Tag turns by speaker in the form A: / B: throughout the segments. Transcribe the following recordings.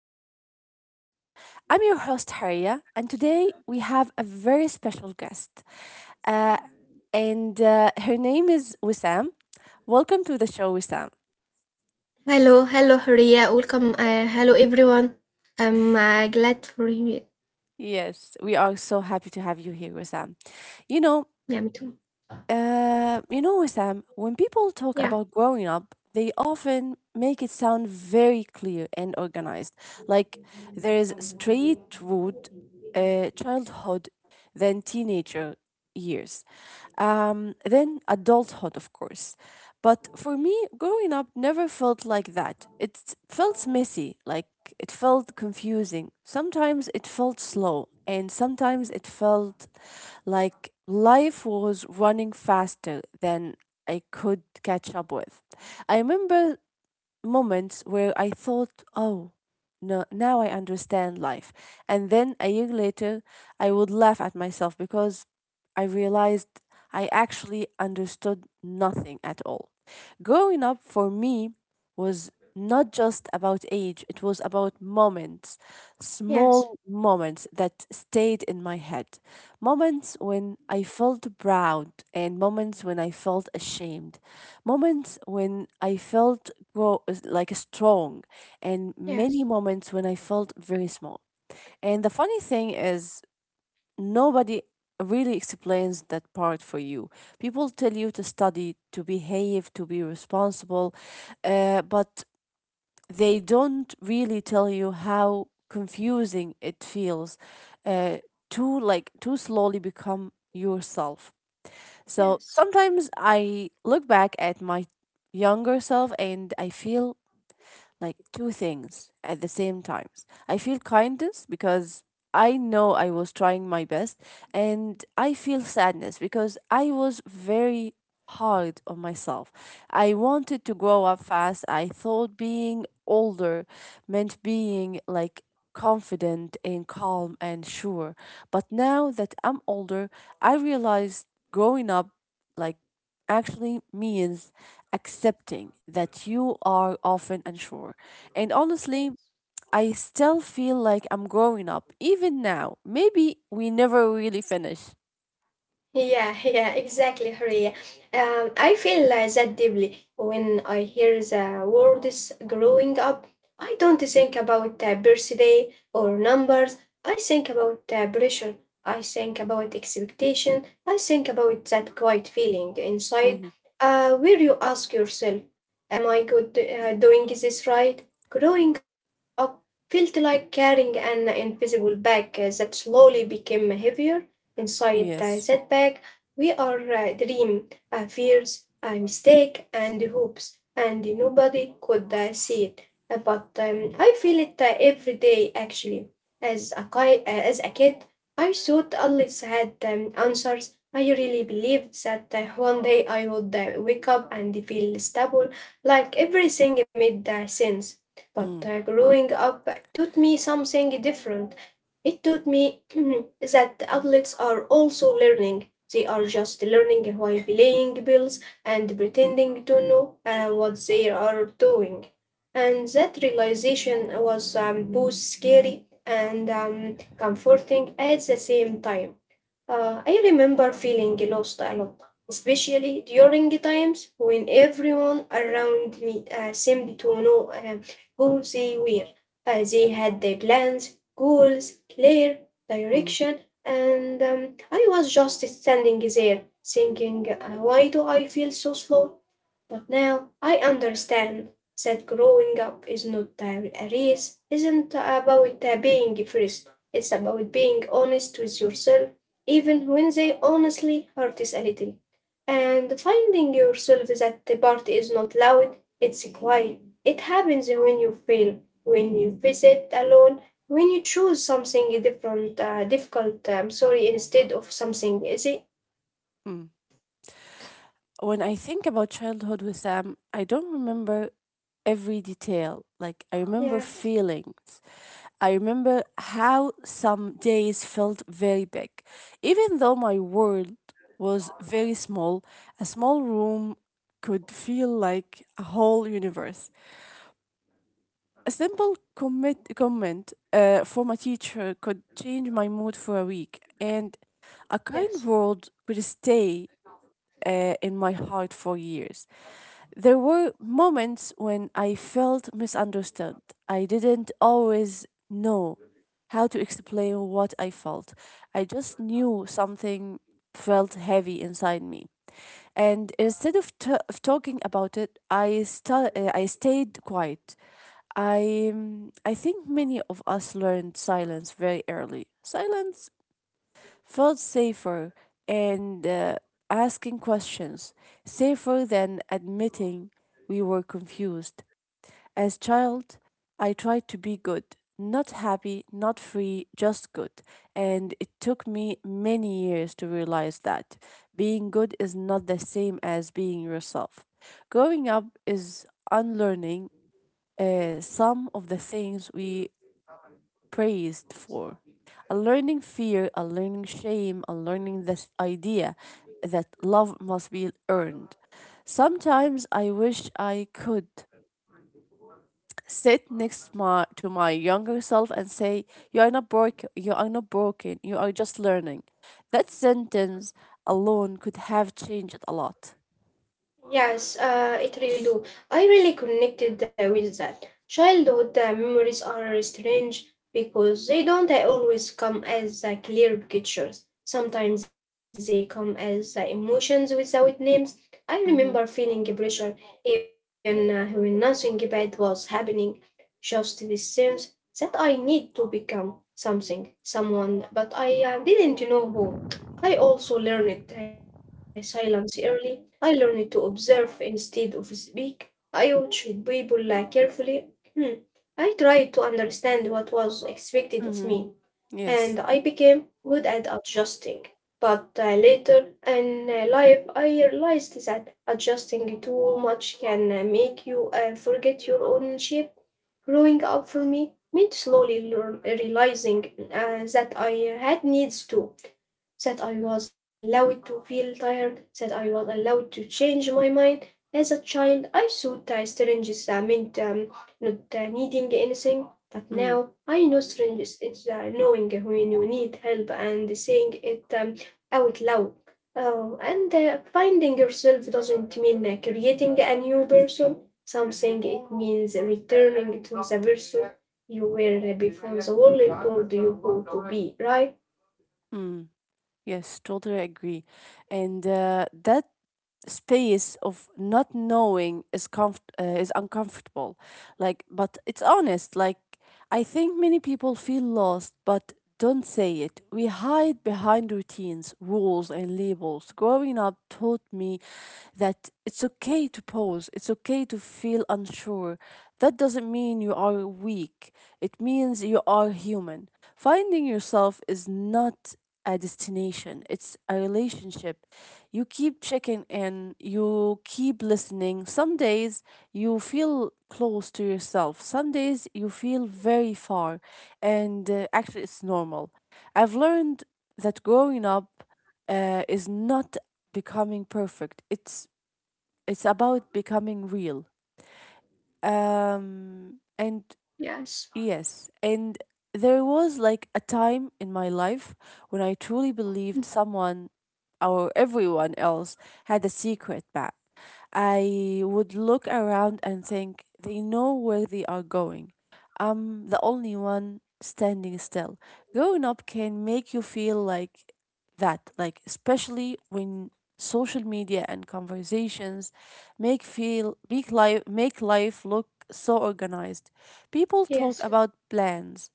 A: Up Finding Yourself. I'm your host, Haria, and today we have a very special guest, uh, and her name is Wissam. Welcome to the show, Wissam.
B: Hello, hello Horia. Welcome. Hello everyone. I'm glad for you.
A: Yes, we are so happy to have you here, Wissam. You know,
B: Yeah, me too.
A: Wissam, when people talk
B: Yeah.
A: about growing up, they often make it sound very clear and organized. Like there is straight road, childhood, then teenager years, then adulthood, of course. But for me, growing up never felt like that. It felt messy, like it felt confusing. Sometimes it felt slow, and sometimes it felt like life was running faster than I could catch up with. I remember moments where I thought, oh, no, now I understand life. And then a year later, I would laugh at myself because I realized I actually understood nothing at all. Growing up for me was not just about age, it was about moments,
B: Yes.
A: small moments that stayed in my head. Moments when I felt proud, and moments when I felt ashamed, moments when I felt grow, like strong, and
B: Yes.
A: many moments when I felt very small. And the funny thing is, nobody really explains that part for you. People tell you to study, to behave, to be responsible, but they don't really tell you how confusing it feels uh, to like to slowly become yourself. So
B: Yes.
A: sometimes I look back at my younger self and I feel like two things at the same times. I feel kindness because I know I was trying my best, and I feel sadness because I was very hard on myself. I wanted to grow up fast. I thought being older meant being like confident and calm and sure. But now that I'm older, I realized growing up like actually means accepting that you are often unsure. And honestly,
B: Yes.
A: I still feel like I'm growing up, even now. Maybe we never really finish.
B: Yeah, yeah, exactly, Hurriya. I feel that deeply when I hear the words growing up. I don't think about birthday or numbers. I think about pressure. I think about expectation. I think about that quiet feeling inside
A: Mhm.
B: where you ask yourself, am I good doing this right? Growing up felt like carrying an invisible bag that slowly became heavier inside that
A: Yes.
B: bag we are dream, fears, mistake, and hopes, and nobody could see it. But I feel it every day actually. As a kid, I thought always had answers. I really believed that one day I would wake up and feel stable, like everything made sense. But
A: Mm,
B: uh, growing up taught me something different. It taught me that the athletes are also learning. They are just learning while playing bills and pretending to know what they are doing. And that realization was both scary and comforting at the same time. I remember feeling lost a lot, especially during times when everyone around me seemed to know who they were. They had their plans, goals, clear
A: mm,
B: direction, and I was just standing there thinking, why do I feel so slow? But now I understand that growing up is not a race, isn't about being first. It's about being honest with yourself, even when they honestly hurt us a little. And finding yourself that the party is not loud, it's quiet. It happens when you fail, when you visit alone, when you choose something different, difficult, I'm sorry, instead of something easy.
A: mm. When I think about childhood with Sam, I don't remember every detail. Like, I remember
B: Yes,
A: feelings. I remember how some days felt very big. Even though my world was very small, a small room could feel like a whole universe. A simple comment from a teacher could change my mood for a week, and a
B: yes.
A: kind word would stay in my heart for years. There were moments when I felt misunderstood. I didn't always know how to explain what I felt. I just knew something felt heavy inside me. And instead of talking about it, I stayed quiet. I think many of us learned silence very early. Silence felt safer and asking questions, safer than admitting we were confused. As child, I tried to be good, not happy, not free, just good. And it took me many years to realize that being good is not the same as being yourself. Growing up is unlearning some of the things we praised for. Unlearning fear, unlearning shame, unlearning this idea that love must be earned. Sometimes I wish I could sit to my younger self and say, you are not broken, you are not broken, you are just learning. That sentence alone could have changed a lot.
B: Yes, it really do. I really connected with that. Childhood memories are strange because they don't always come as clear pictures. Sometimes they come as emotions without names. I
A: Mm-hmm.
B: remember feeling a pressure even when nothing bad was happening. Just this sense that I need to become something, someone, but I didn't know who. I also learned silence early. I learned to observe instead of speak. I watched people carefully. Hmm. I tried to understand what was expected of
A: Mm-hmm.
B: me, and
A: Yes.
B: I became good at adjusting. But later in life, I realized that adjusting too much can make you forget your own shape. Growing up for me meant slowly learn, realizing that I had needs too, that I was allowed to feel tired, that I was allowed to change my mind. As a child, I thought strangeness meant not needing anything, but now I know strangeness is knowing when you need help and saying it out loud. Oh, and finding yourself doesn't mean creating a new person, something it means returning to the person you were before the world told you who to be, right?
A: Mm-hmm. Yes, totally agree. And that space of not knowing is is uncomfortable, like, but it's honest. Like, I think many people feel lost but don't say it. We hide behind routines, rules and labels. Growing up taught me that it's okay to pause, it's okay to feel unsure. That doesn't mean you are weak, it means you are human. Finding yourself is not a destination, it's a relationship. You keep checking in, you keep listening. Some days you feel close to yourself, some days you feel very far, and actually, it's normal. I've learned that growing up is not becoming perfect, it's about becoming real. And Yes, and there was like a time in my life when I truly believed someone or everyone else had a secret bag. I would look around and think they know where they are going. I'm the only one standing still. Growing up can make you feel like that, like especially when social media and conversations make life look so organized. People talk
B: Yes,
A: about plans,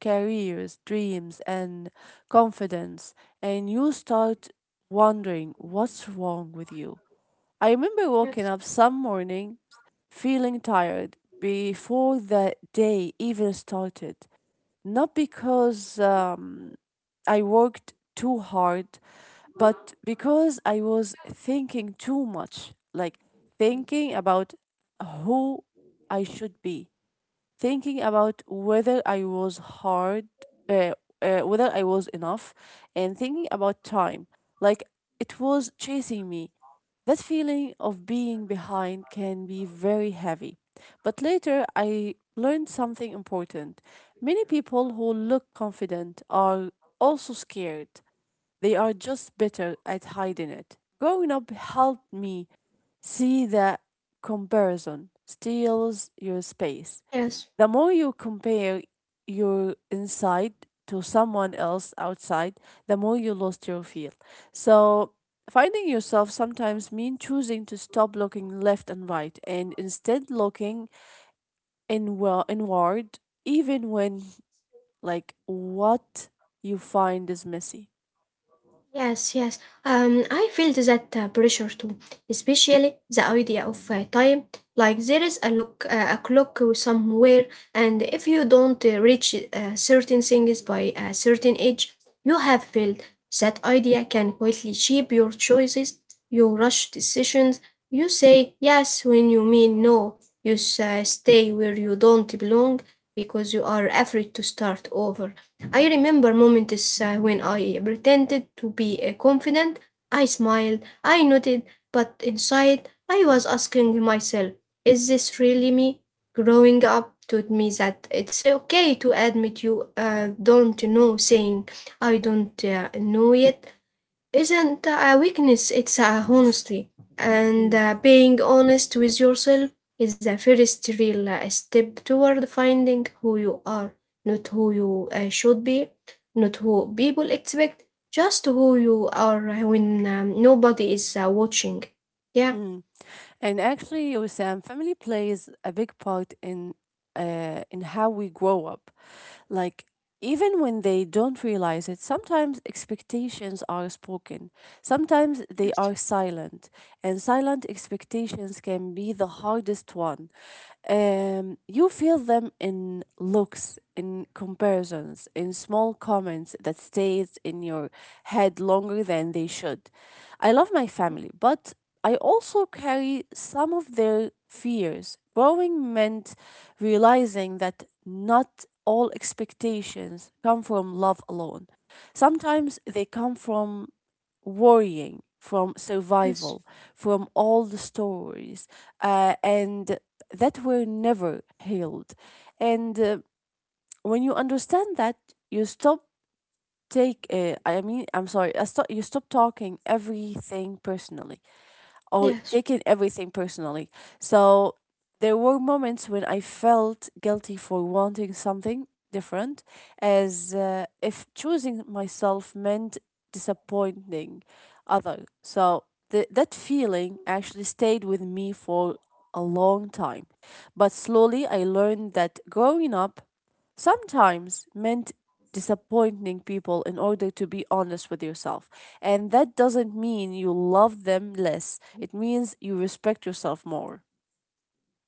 A: careers, dreams, and confidence, and you start wondering what's wrong with you. I remember
B: yes,
A: waking up some morning feeling tired before the day even started, not because I worked too hard, but because I was thinking too much, like thinking about who I should be, thinking about whether I was hard, uh, whether I was enough, and thinking about time. Like it was chasing me. That feeling of being behind can be very heavy. But later, I learned something important. Many people who look confident are also scared. They are just better at hiding it. Growing up helped me see that comparison steals your space.
B: yes,
A: The more you compare your inside to someone else outside, the more you lost your feel. So finding yourself sometimes means choosing to stop looking left and right and instead looking inward even when like what you find is messy.
B: yes, yes. I feel that pressure too, especially the idea of time. Like there is a clock somewhere, and if you don't reach certain things by a certain age, you have failed. That idea can quietly shape your choices, your rush decisions. You say yes when you mean no. You stay where you don't belong because you are afraid to start over. I remember moments when I pretended to be confident. I smiled, I nodded, but inside I was asking myself, is this really me? Growing up taught me that it's okay to admit you don't know. Saying I don't know yet isn't a weakness, it's a honesty. And
A: Mm.
B: being honest with yourself is the first real step toward finding who you are, not who you should be, not who people expect, just who you are when nobody is watching. Yeah.
A: Mm. And actually, Wissam, family plays a big part in how we grow up. Like even when they don't realize it, sometimes expectations are spoken. Sometimes they are silent, and silent expectations can be the hardest one. You feel them in looks, in comparisons, in small comments that stays in your head longer than they should. I love my family, but I also carry some of their fears. Growing meant realizing that not all expectations come from love alone. Sometimes they come from worrying, from
B: Yes.
A: survival, from all the stories, and that were never healed. And when you understand that, you stop take. I mean, I'm sorry. I stop, you stop talking everything personally or
B: Yes.
A: taking everything personally. So there were moments when I felt guilty for wanting something different, as if choosing myself meant disappointing other. So that feeling actually stayed with me for a long time. But slowly I learned that growing up sometimes meant disappointing people in order to be honest with yourself. And that doesn't mean you love them less, it means you respect yourself more.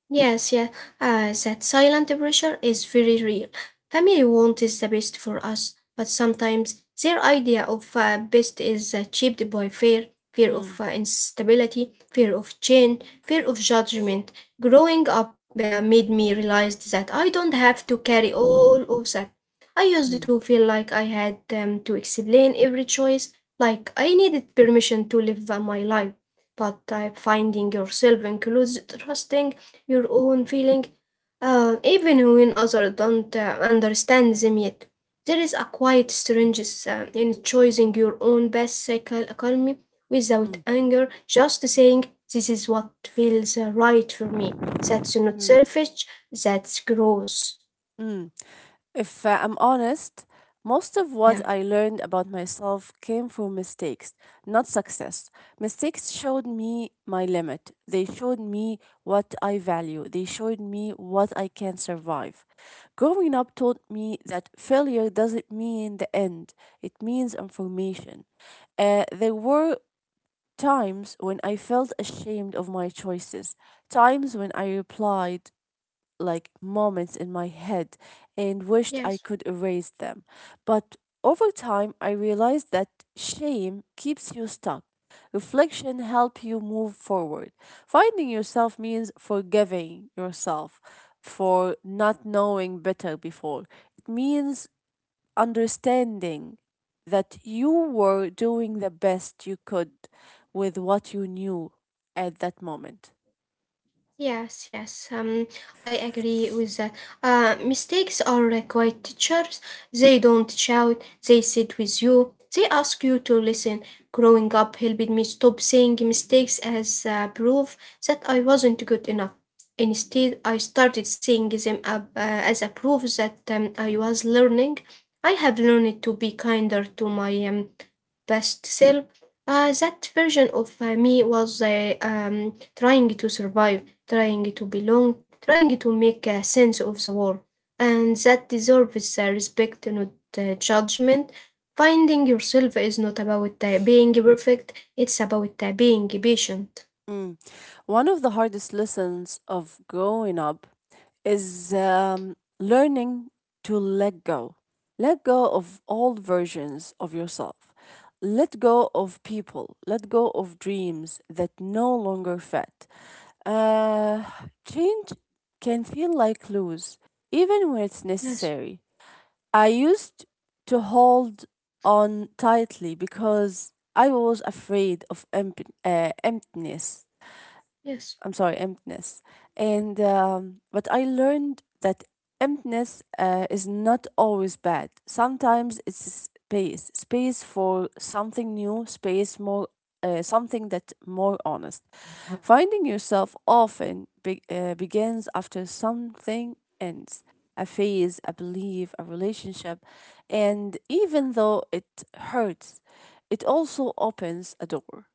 B: Yes, yeah, that silent pressure is very real. Family want is the best for us, but sometimes their idea of best is achieved by fear, fear
A: Mm.
B: of instability, fear of change, fear of judgment. Growing up made me realize that I don't have to carry all of that. I used
A: Mm.
B: to feel like I had to explain every choice, like I needed permission to live my life. But finding yourself includes trusting your own feeling, even when others don't understand them yet. There is a quiet strength in choosing your own best cycle economy without
A: mm,
B: anger, just saying, this is what feels right for me. That's not
A: mm,
B: selfish, that's gross.
A: mm. If I'm honest, most of
B: Yeah.
A: what I learned about myself came from mistakes, not success. Mistakes showed me my limit. They showed me what I value. They showed me what I can survive. Growing up taught me that failure doesn't mean the end, it means information. There were times when I felt ashamed of my choices, times when I replied like moments in my head and wished I
B: Yes.
A: could erase them. But over time, I realized that shame keeps you stuck. Reflection helps you move forward. Finding yourself means forgiving yourself for not knowing better before. It means understanding that you were doing the best you could with what you knew at that moment.
B: Yes, yes, I agree with that. Mistakes are quite teachers. They don't shout, they sit with you, they ask you to listen. Growing up helped me stop seeing mistakes as proof that I wasn't good enough. Instead, I started seeing them up, as a proof that I was learning. I have learned to be kinder to my best self. That version of me was trying to survive, trying to belong, trying to make a sense of the world, and that deserves respect, not judgment. Finding yourself is not about being perfect; it's about being patient.
A: Mm. One of the hardest lessons of growing up is learning to let go. Let go of old versions of yourself. Let go of people. Let go of dreams that no longer fit. Uh, Change can feel like lose, even when it's
B: Yes,
A: necessary. I used to hold on tightly because I was afraid of emptiness.
B: yes.
A: I'm sorry, emptiness. And but I learned that emptiness is not always bad. Sometimes it's space, space for something new, space more, something that more honest. Finding yourself often begins after something ends. A phase, a belief, a relationship, and even though it hurts, it also opens a door.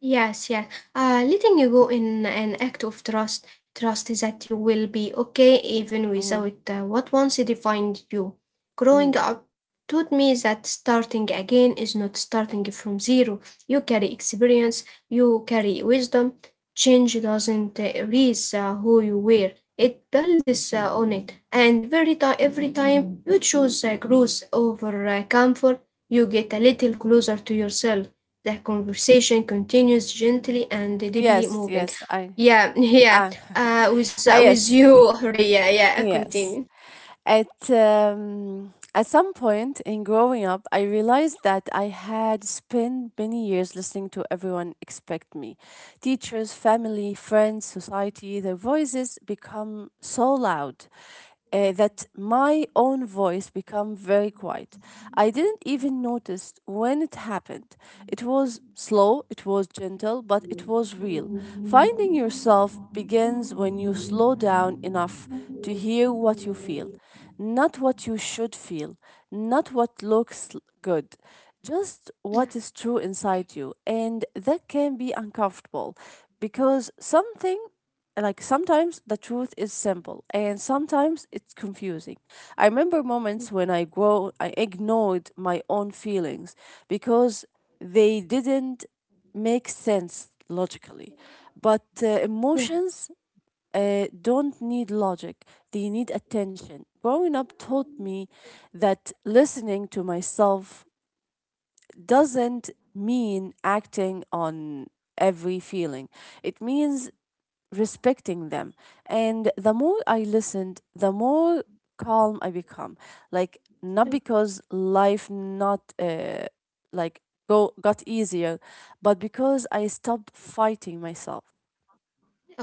B: Yes, yes. Letting you go in an act of trust, trust that you will be okay even
A: Mhm.
B: without what once defined you.
A: Mm.
B: Growing up taught me that starting again is not starting from zero. You carry experience, you carry wisdom. Change doesn't erase who you were. It builds on it, and every time you choose growth over comfort, you get a little closer to yourself. The conversation continues gently and
A: Yes,
B: deeply
A: yes,
B: moving.
A: I...
B: Yeah,
A: Ah,
B: yeah. Uh, with
A: ah,
B: uh,
A: yes,
B: with you, Horia. Yeah,
A: yes.
B: continue.
A: At some point in growing up, I realized that I had spent many years listening to everyone expect me. Teachers, family, friends, society, their voices become so loud that my own voice became very quiet. I didn't even notice when it happened. It was slow, it was gentle, but it was real. Finding yourself begins when you slow down enough to hear what you feel, not what you should feel, not what looks good, just
B: Yeah,
A: what is true inside you. And that can be uncomfortable because something like sometimes the truth is simple and sometimes it's confusing. I remember moments when I ignored my own feelings because they didn't make sense logically. But
B: yeah.
A: emotions don't need logic, they need attention. Growing up taught me that listening to myself doesn't mean acting on every feeling, it means respecting them. And the more I listened, the more calm I become. Like, not because life not like go got easier, but because I stopped fighting myself.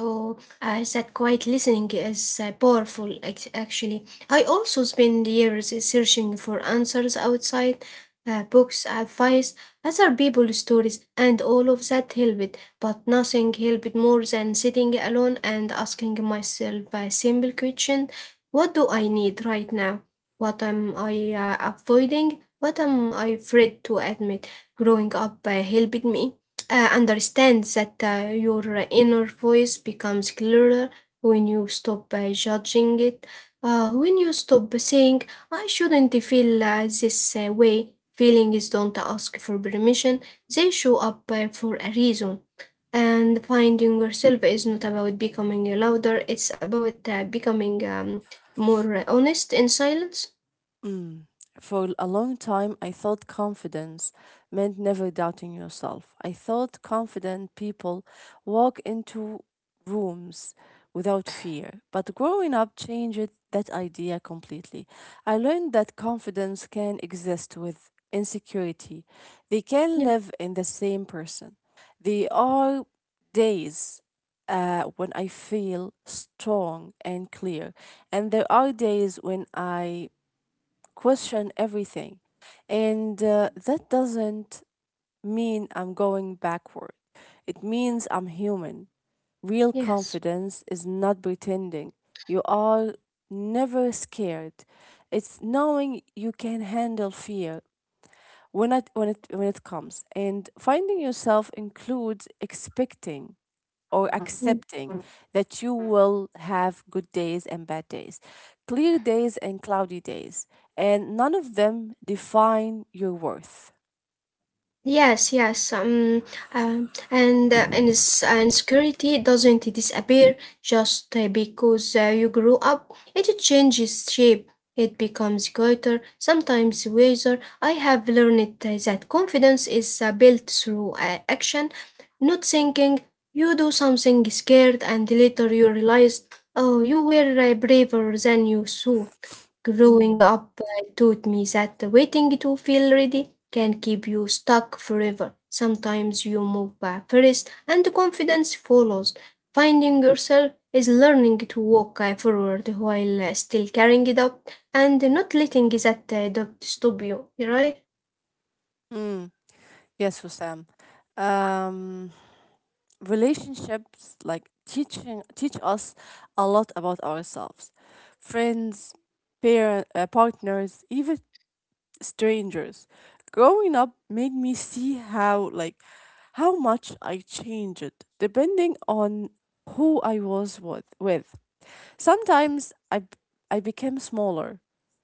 B: Oh, that quiet listening is powerful, actually. I also spend years searching for answers outside books, advice, other people's stories, and all of that helped, but nothing helped more than sitting alone and asking myself a simple question: what do I need right now? What am I avoiding? What am I afraid to admit? Growing up helped me understand that your inner voice becomes clearer when you stop judging it, when you stop saying, I shouldn't feel this way. Feelings don't ask for permission, they show up for a reason. And finding yourself is not about becoming louder, it's about becoming more honest in silence.
A: For a long time, I thought confidence meant never doubting yourself. I thought confident people walk into rooms without fear. But growing up changed that idea completely. I learned that confidence can exist with insecurity, they can
B: Yeah,
A: live in the same person. There are days when I feel strong and clear, and there are days when I question everything. And That doesn't mean I'm going backward. It means I'm human. Real
B: yes.
A: confidence is not pretending. You are never scared. It's knowing you can handle fear when it comes. And finding yourself includes expecting or
B: Mm.
A: accepting that you will have good days and bad days, clear days and cloudy days, and none of them define your worth.
B: Yes, yes. And security doesn't disappear just because you grew up. It changes shape. It becomes quieter sometimes wiser. I have learned that confidence is built through action, not thinking. You do something scared and later you realize, oh, you were braver than you thought. Growing
A: Mm.
B: up taught me that waiting to feel ready can keep you stuck forever. Sometimes you move first and confidence follows. Finding yourself is learning to walk forward while still carrying it up and not letting that doubt stop you, right?
A: Mm. Yes, Hussam. Um, Relationships like teaching teach us a lot about ourselves, friends, parent, partners, even strangers. Growing up made me see how much I changed depending on who I was with. Sometimes I became smaller.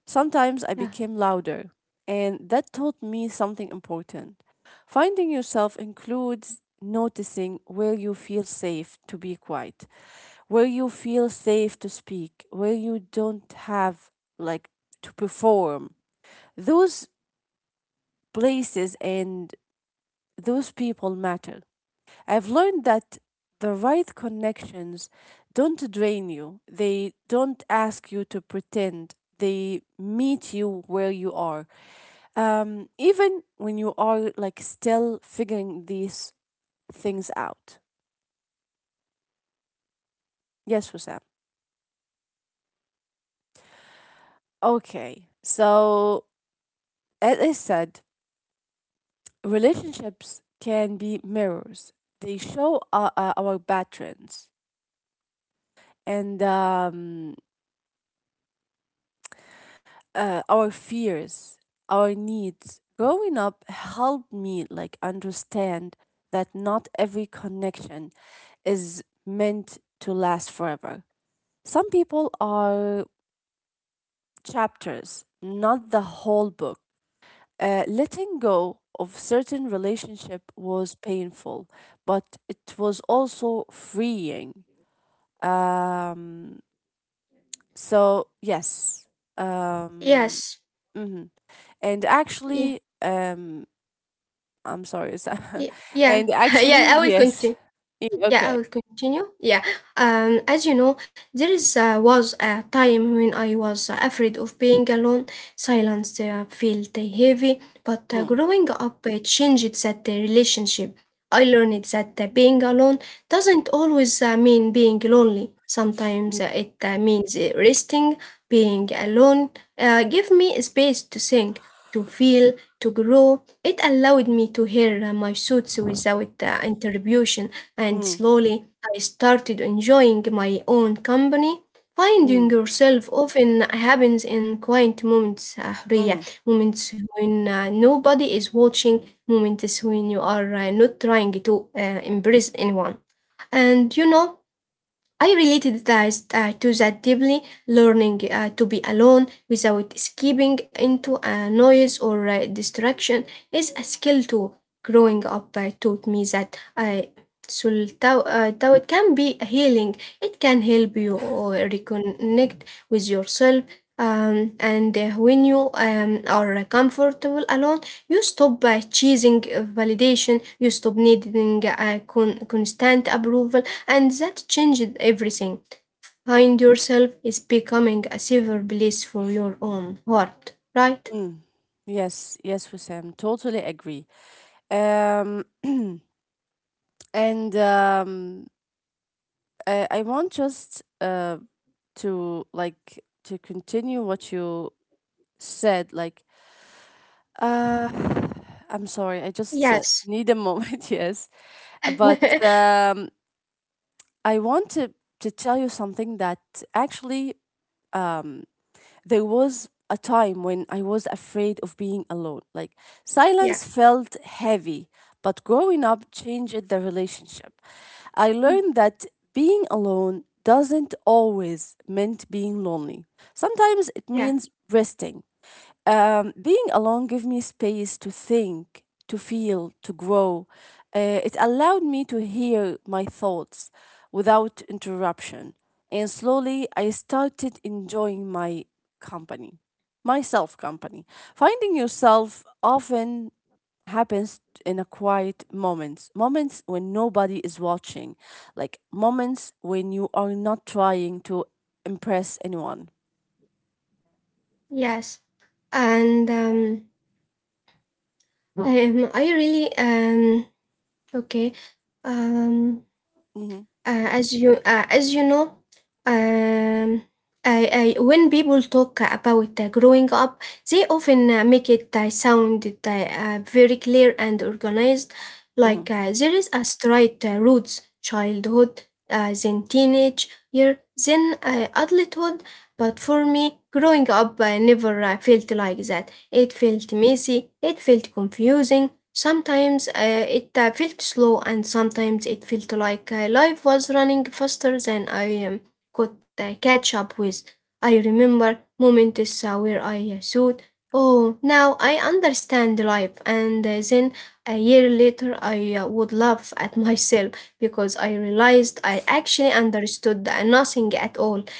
A: Sometimes I
B: Yeah.
A: became louder. And that taught me something important. Finding yourself includes noticing where you feel safe to be quiet, where you feel safe to speak, where you don't have like to perform. Those places and those people matter. I've learned that the right connections don't drain you, they don't ask you to pretend. They meet you where you are. Even when you are like still figuring these things out. Yes, Wissam. Okay. So, as I said, relationships can be mirrors. They show our patterns. And our fears, our needs. Growing up helped me like understand that not every connection is meant to last forever. Some people are chapters, not the whole book. Letting go of certain relationship was painful, but it was also freeing. Um, so yes, um,
B: Yes.
A: mhm. and
B: Yeah.
A: actually, um, I'm sorry, Sam.
B: Yeah. Yeah.
A: And
B: Yeah.
A: actually,
B: I will
A: yes.
B: continue.
A: I- Okay.
B: Yeah, I will continue. Yeah, as you know, there is was a time when I was afraid of being alone. Silence felt heavy, but
A: Mm,
B: growing up changed that relationship. I learned that being alone doesn't always mean being lonely.
A: mm,
B: Sometimes it means resting. Being alone gave me space to think, to feel, to grow. It allowed me to hear my thoughts without interruption, and
A: mm,
B: slowly I started enjoying my own company. Finding
A: mm,
B: yourself often happens in quiet moments, حرية.
A: mm,
B: Moments when nobody is watching, moments when you are not trying to impress anyone. And you know, I related to that deeply, learning to be alone without escaping into a noise or distraction is a skill too. Growing up taught me that doubt can be healing. It can help you reconnect with yourself. And when you are comfortable alone, you stop chasing validation, you stop needing constant approval, and that changed everything. Find yourself is becoming a safer place for your own heart, right?
A: mm. Yes, yes, Sam. Totally agree. Um, and I want just to like to continue what you said. Like, uh, I'm sorry. I just
B: Yes.
A: need a moment. Yes, but I want to tell you something that actually um there was a time when I was afraid of being alone. Like
B: Yeah.
A: silence felt heavy, but growing up changed the relationship. I
B: Mm.
A: learned that being alone doesn't always meant being lonely. Sometimes it
B: Yeah.
A: means resting. Being alone gave me space to think, to feel, to grow. It allowed me to hear my thoughts without interruption. And slowly, I started enjoying my company, myself company. Finding yourself often happens in a quiet moments, moments when nobody is watching, like moments when you are not trying to impress anyone.
B: Yes. And I really okay. Um,
A: Hmm
B: as you as you know, um, when people talk about growing up they often make it sound very clear and organized, like
A: hmm
B: there is a straight routes childhood, then teenage year, then adulthood. But for me growing up never felt like that. It felt messy, it felt confusing. Sometimes it felt slow, and sometimes it felt like life was running faster than I could catch up with. I remember moments where I thought, oh, now I understand life. And then a year later, I would laugh at myself because I realized I actually understood nothing at all.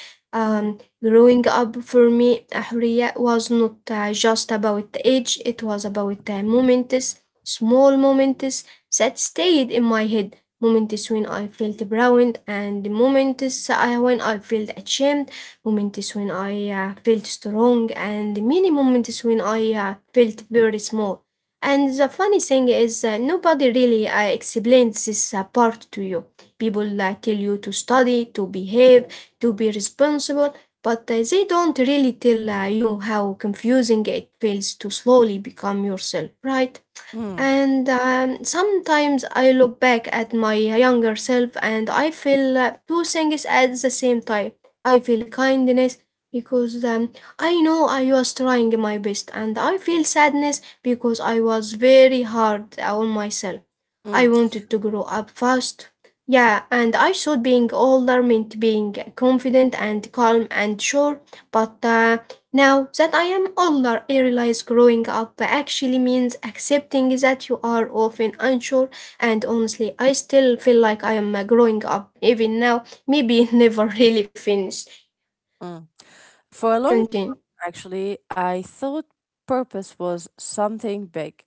A: mm
B: Growing up for me, Ahriya, was not just about the age, it was about the moments, small moments that stayed in my head, moments when I felt proud and when I felt ashamed, moments when I felt strong and many moments when I felt very small. And the funny thing is, nobody really explains this part to you. People tell you to study, to behave, to be responsible, but they don't really tell you how confusing it feels to slowly become yourself, right?
A: mm
B: And sometimes I look back at my younger self and I feel two things at the same time. I feel kindness because I know I was trying my best, and I feel sadness because I was very hard on myself. I
A: mm.
B: wanted to grow up fast. Yeah, and I thought being older meant being confident and calm and sure, but now that I am older, I realize growing up actually means accepting that you are often unsure, and honestly, I still feel like I am growing up even now, maybe never really finished.
A: Mm. For a long
B: Continue.
A: time, actually, I thought purpose was something big,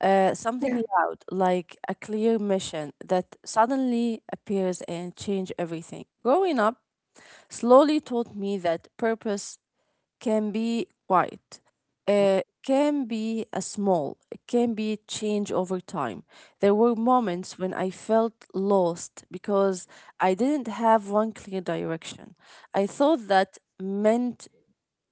B: Yeah.
A: something loud, like a clear mission that suddenly appears and change everything. Growing up, slowly taught me that purpose can be quiet. Uh, can be a small, it can be change over time. There were moments when I felt lost because I didn't have one clear direction. I thought that meant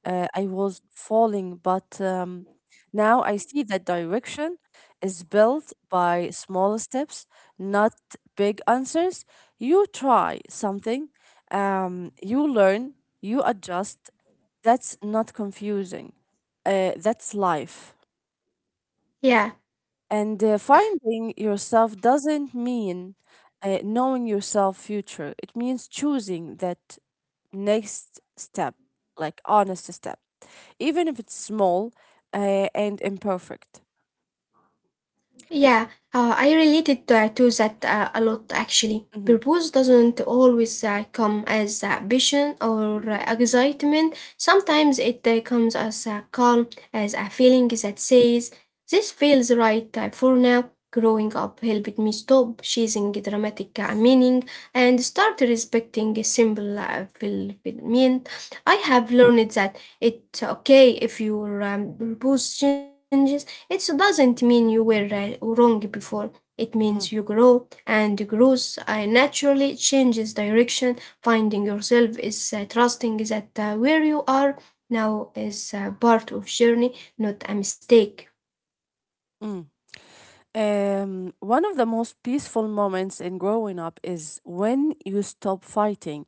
A: I was falling, but now I see that direction is built by small steps, not big answers. You try something, you learn, you adjust. That's not confusing. That's life.
B: Yeah.
A: And finding yourself doesn't mean knowing yourself future. It means choosing that next step, like honest step, even if it's small and imperfect.
B: Yeah, I related to that a lot actually.
A: Mm-hmm.
B: Purpose doesn't always come as ambition or excitement. Sometimes it comes as calm, as a feeling that says, this feels right for now. Growing up helped me stop chasing dramatic meaning and start respecting a simple fulfillment. I have learned that it's okay if your purpose changes, it doesn't mean you were wrong before. It means you
A: Mm,
B: grow, and growth naturally changes direction. Finding yourself is trusting that where you are now is part of journey, not a mistake.
A: mm. One of the most peaceful moments in growing up is when you stop fighting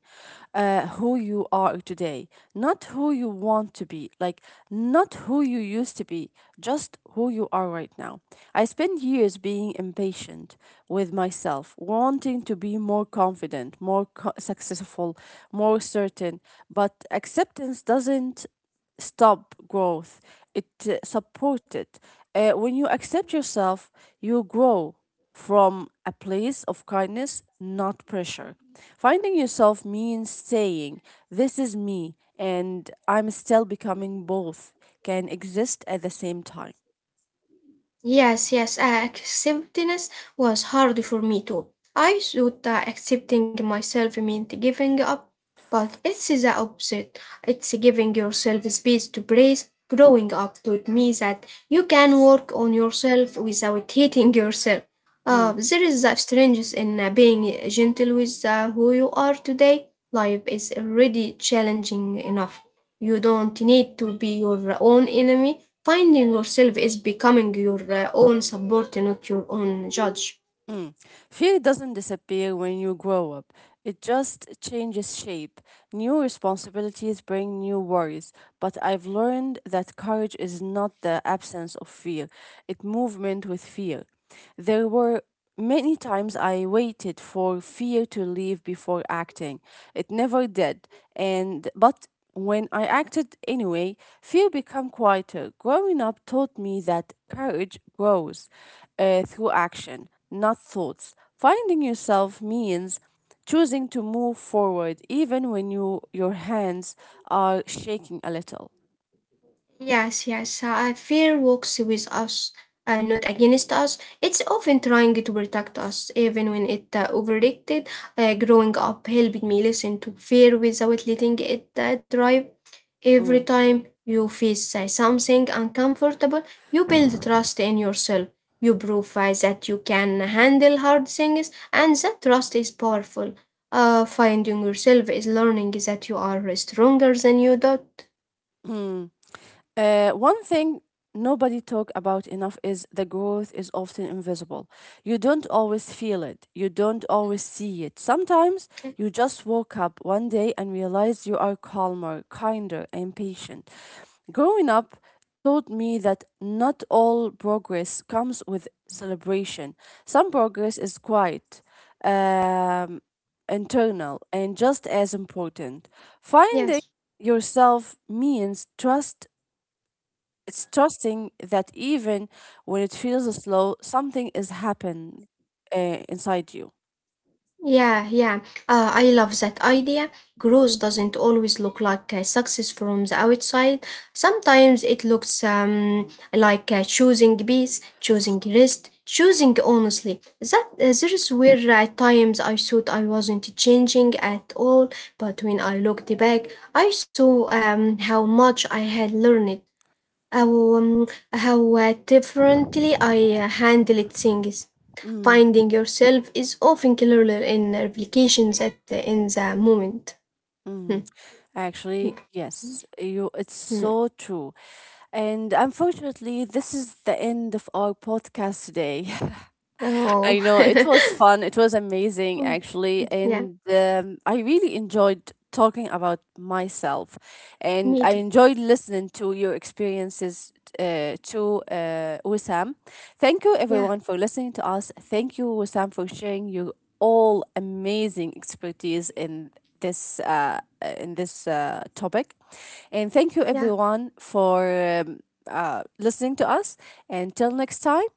A: who you are today, not who you want to be, like not who you used to be, just who you are right now. I spent years being impatient with myself, wanting to be more confident, more co- successful, more certain, but acceptance doesn't stop growth, it support it. When you accept yourself, you grow from a place of kindness, not pressure. Finding yourself means saying, this is me, and I'm still becoming both, can exist at the same time.
B: Yes, yes, acceptance was hard for me too. I thought that accepting myself meant giving up, but it's the opposite. It's giving yourself space to breathe. Growing up taught me that you can work on yourself without hating yourself.
A: Mm.
B: There is a strangeness in being gentle with who you are today. Life is already challenging enough. You don't need to be your own enemy. Finding yourself is becoming your own support, not your own judge.
A: Mm. Fear doesn't disappear when you grow up. It just changes shape. New responsibilities bring new worries, but I've learned that courage is not the absence of fear, it movement with fear. There were many times I waited for fear to leave before acting. It never did. And but when I acted anyway, fear became quieter. Growing up taught me that courage grows through action not thoughts. Finding yourself means choosing to move forward even when you your hands are shaking a little.
B: Yes, yes, fear walks with us, not against us. It's often trying to protect us, even when it overreacted. Growing up helped me listen to fear without letting it drive. Every
A: Mm.
B: time you face something uncomfortable, you build trust in yourself. You prove that you can handle hard things, and that trust is powerful. Finding yourself is learning that you are stronger than you thought.
A: Mm. One thing nobody talk about enough is the growth is often invisible. You don't always feel it. You don't always see it. Sometimes you just woke up one day and realize you are calmer, kinder, and patient. Growing up taught me that not all progress comes with celebration. Some progress is quiet, um, internal, and just as important. Finding
B: Yes.
A: yourself means trust it's trusting that even when it feels slow, something is happening inside you.
B: Yeah, yeah. I love that idea. Growth doesn't always look like success from the outside. Sometimes it looks like choosing peace, choosing rest, choosing honestly. That there's where at times I thought I wasn't changing at all, but when I looked back, I saw how much I had learned, how um, how differently I handled things.
A: Mm,
B: Finding yourself is often clearer in replication that in the moment. Hmm,
A: mm. Actually,
B: hmm,
A: yes, you. It's
B: hmm.
A: so true. And unfortunately, this is the end of our podcast today.
B: Oh,
A: I know it was fun. It was amazing, actually,
B: yeah,
A: and I really enjoyed talking about myself, and
B: me
A: I
B: too.
A: enjoyed listening to your experiences to Wissam. Thank you
B: Yeah,
A: everyone for listening to us. Thank you Wissam for sharing your all amazing expertise in this topic, and thank you
B: yeah.
A: everyone for listening to us. Until next time,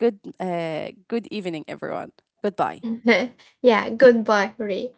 A: good evening everyone. Goodbye.
B: Yeah, goodbye, Ray.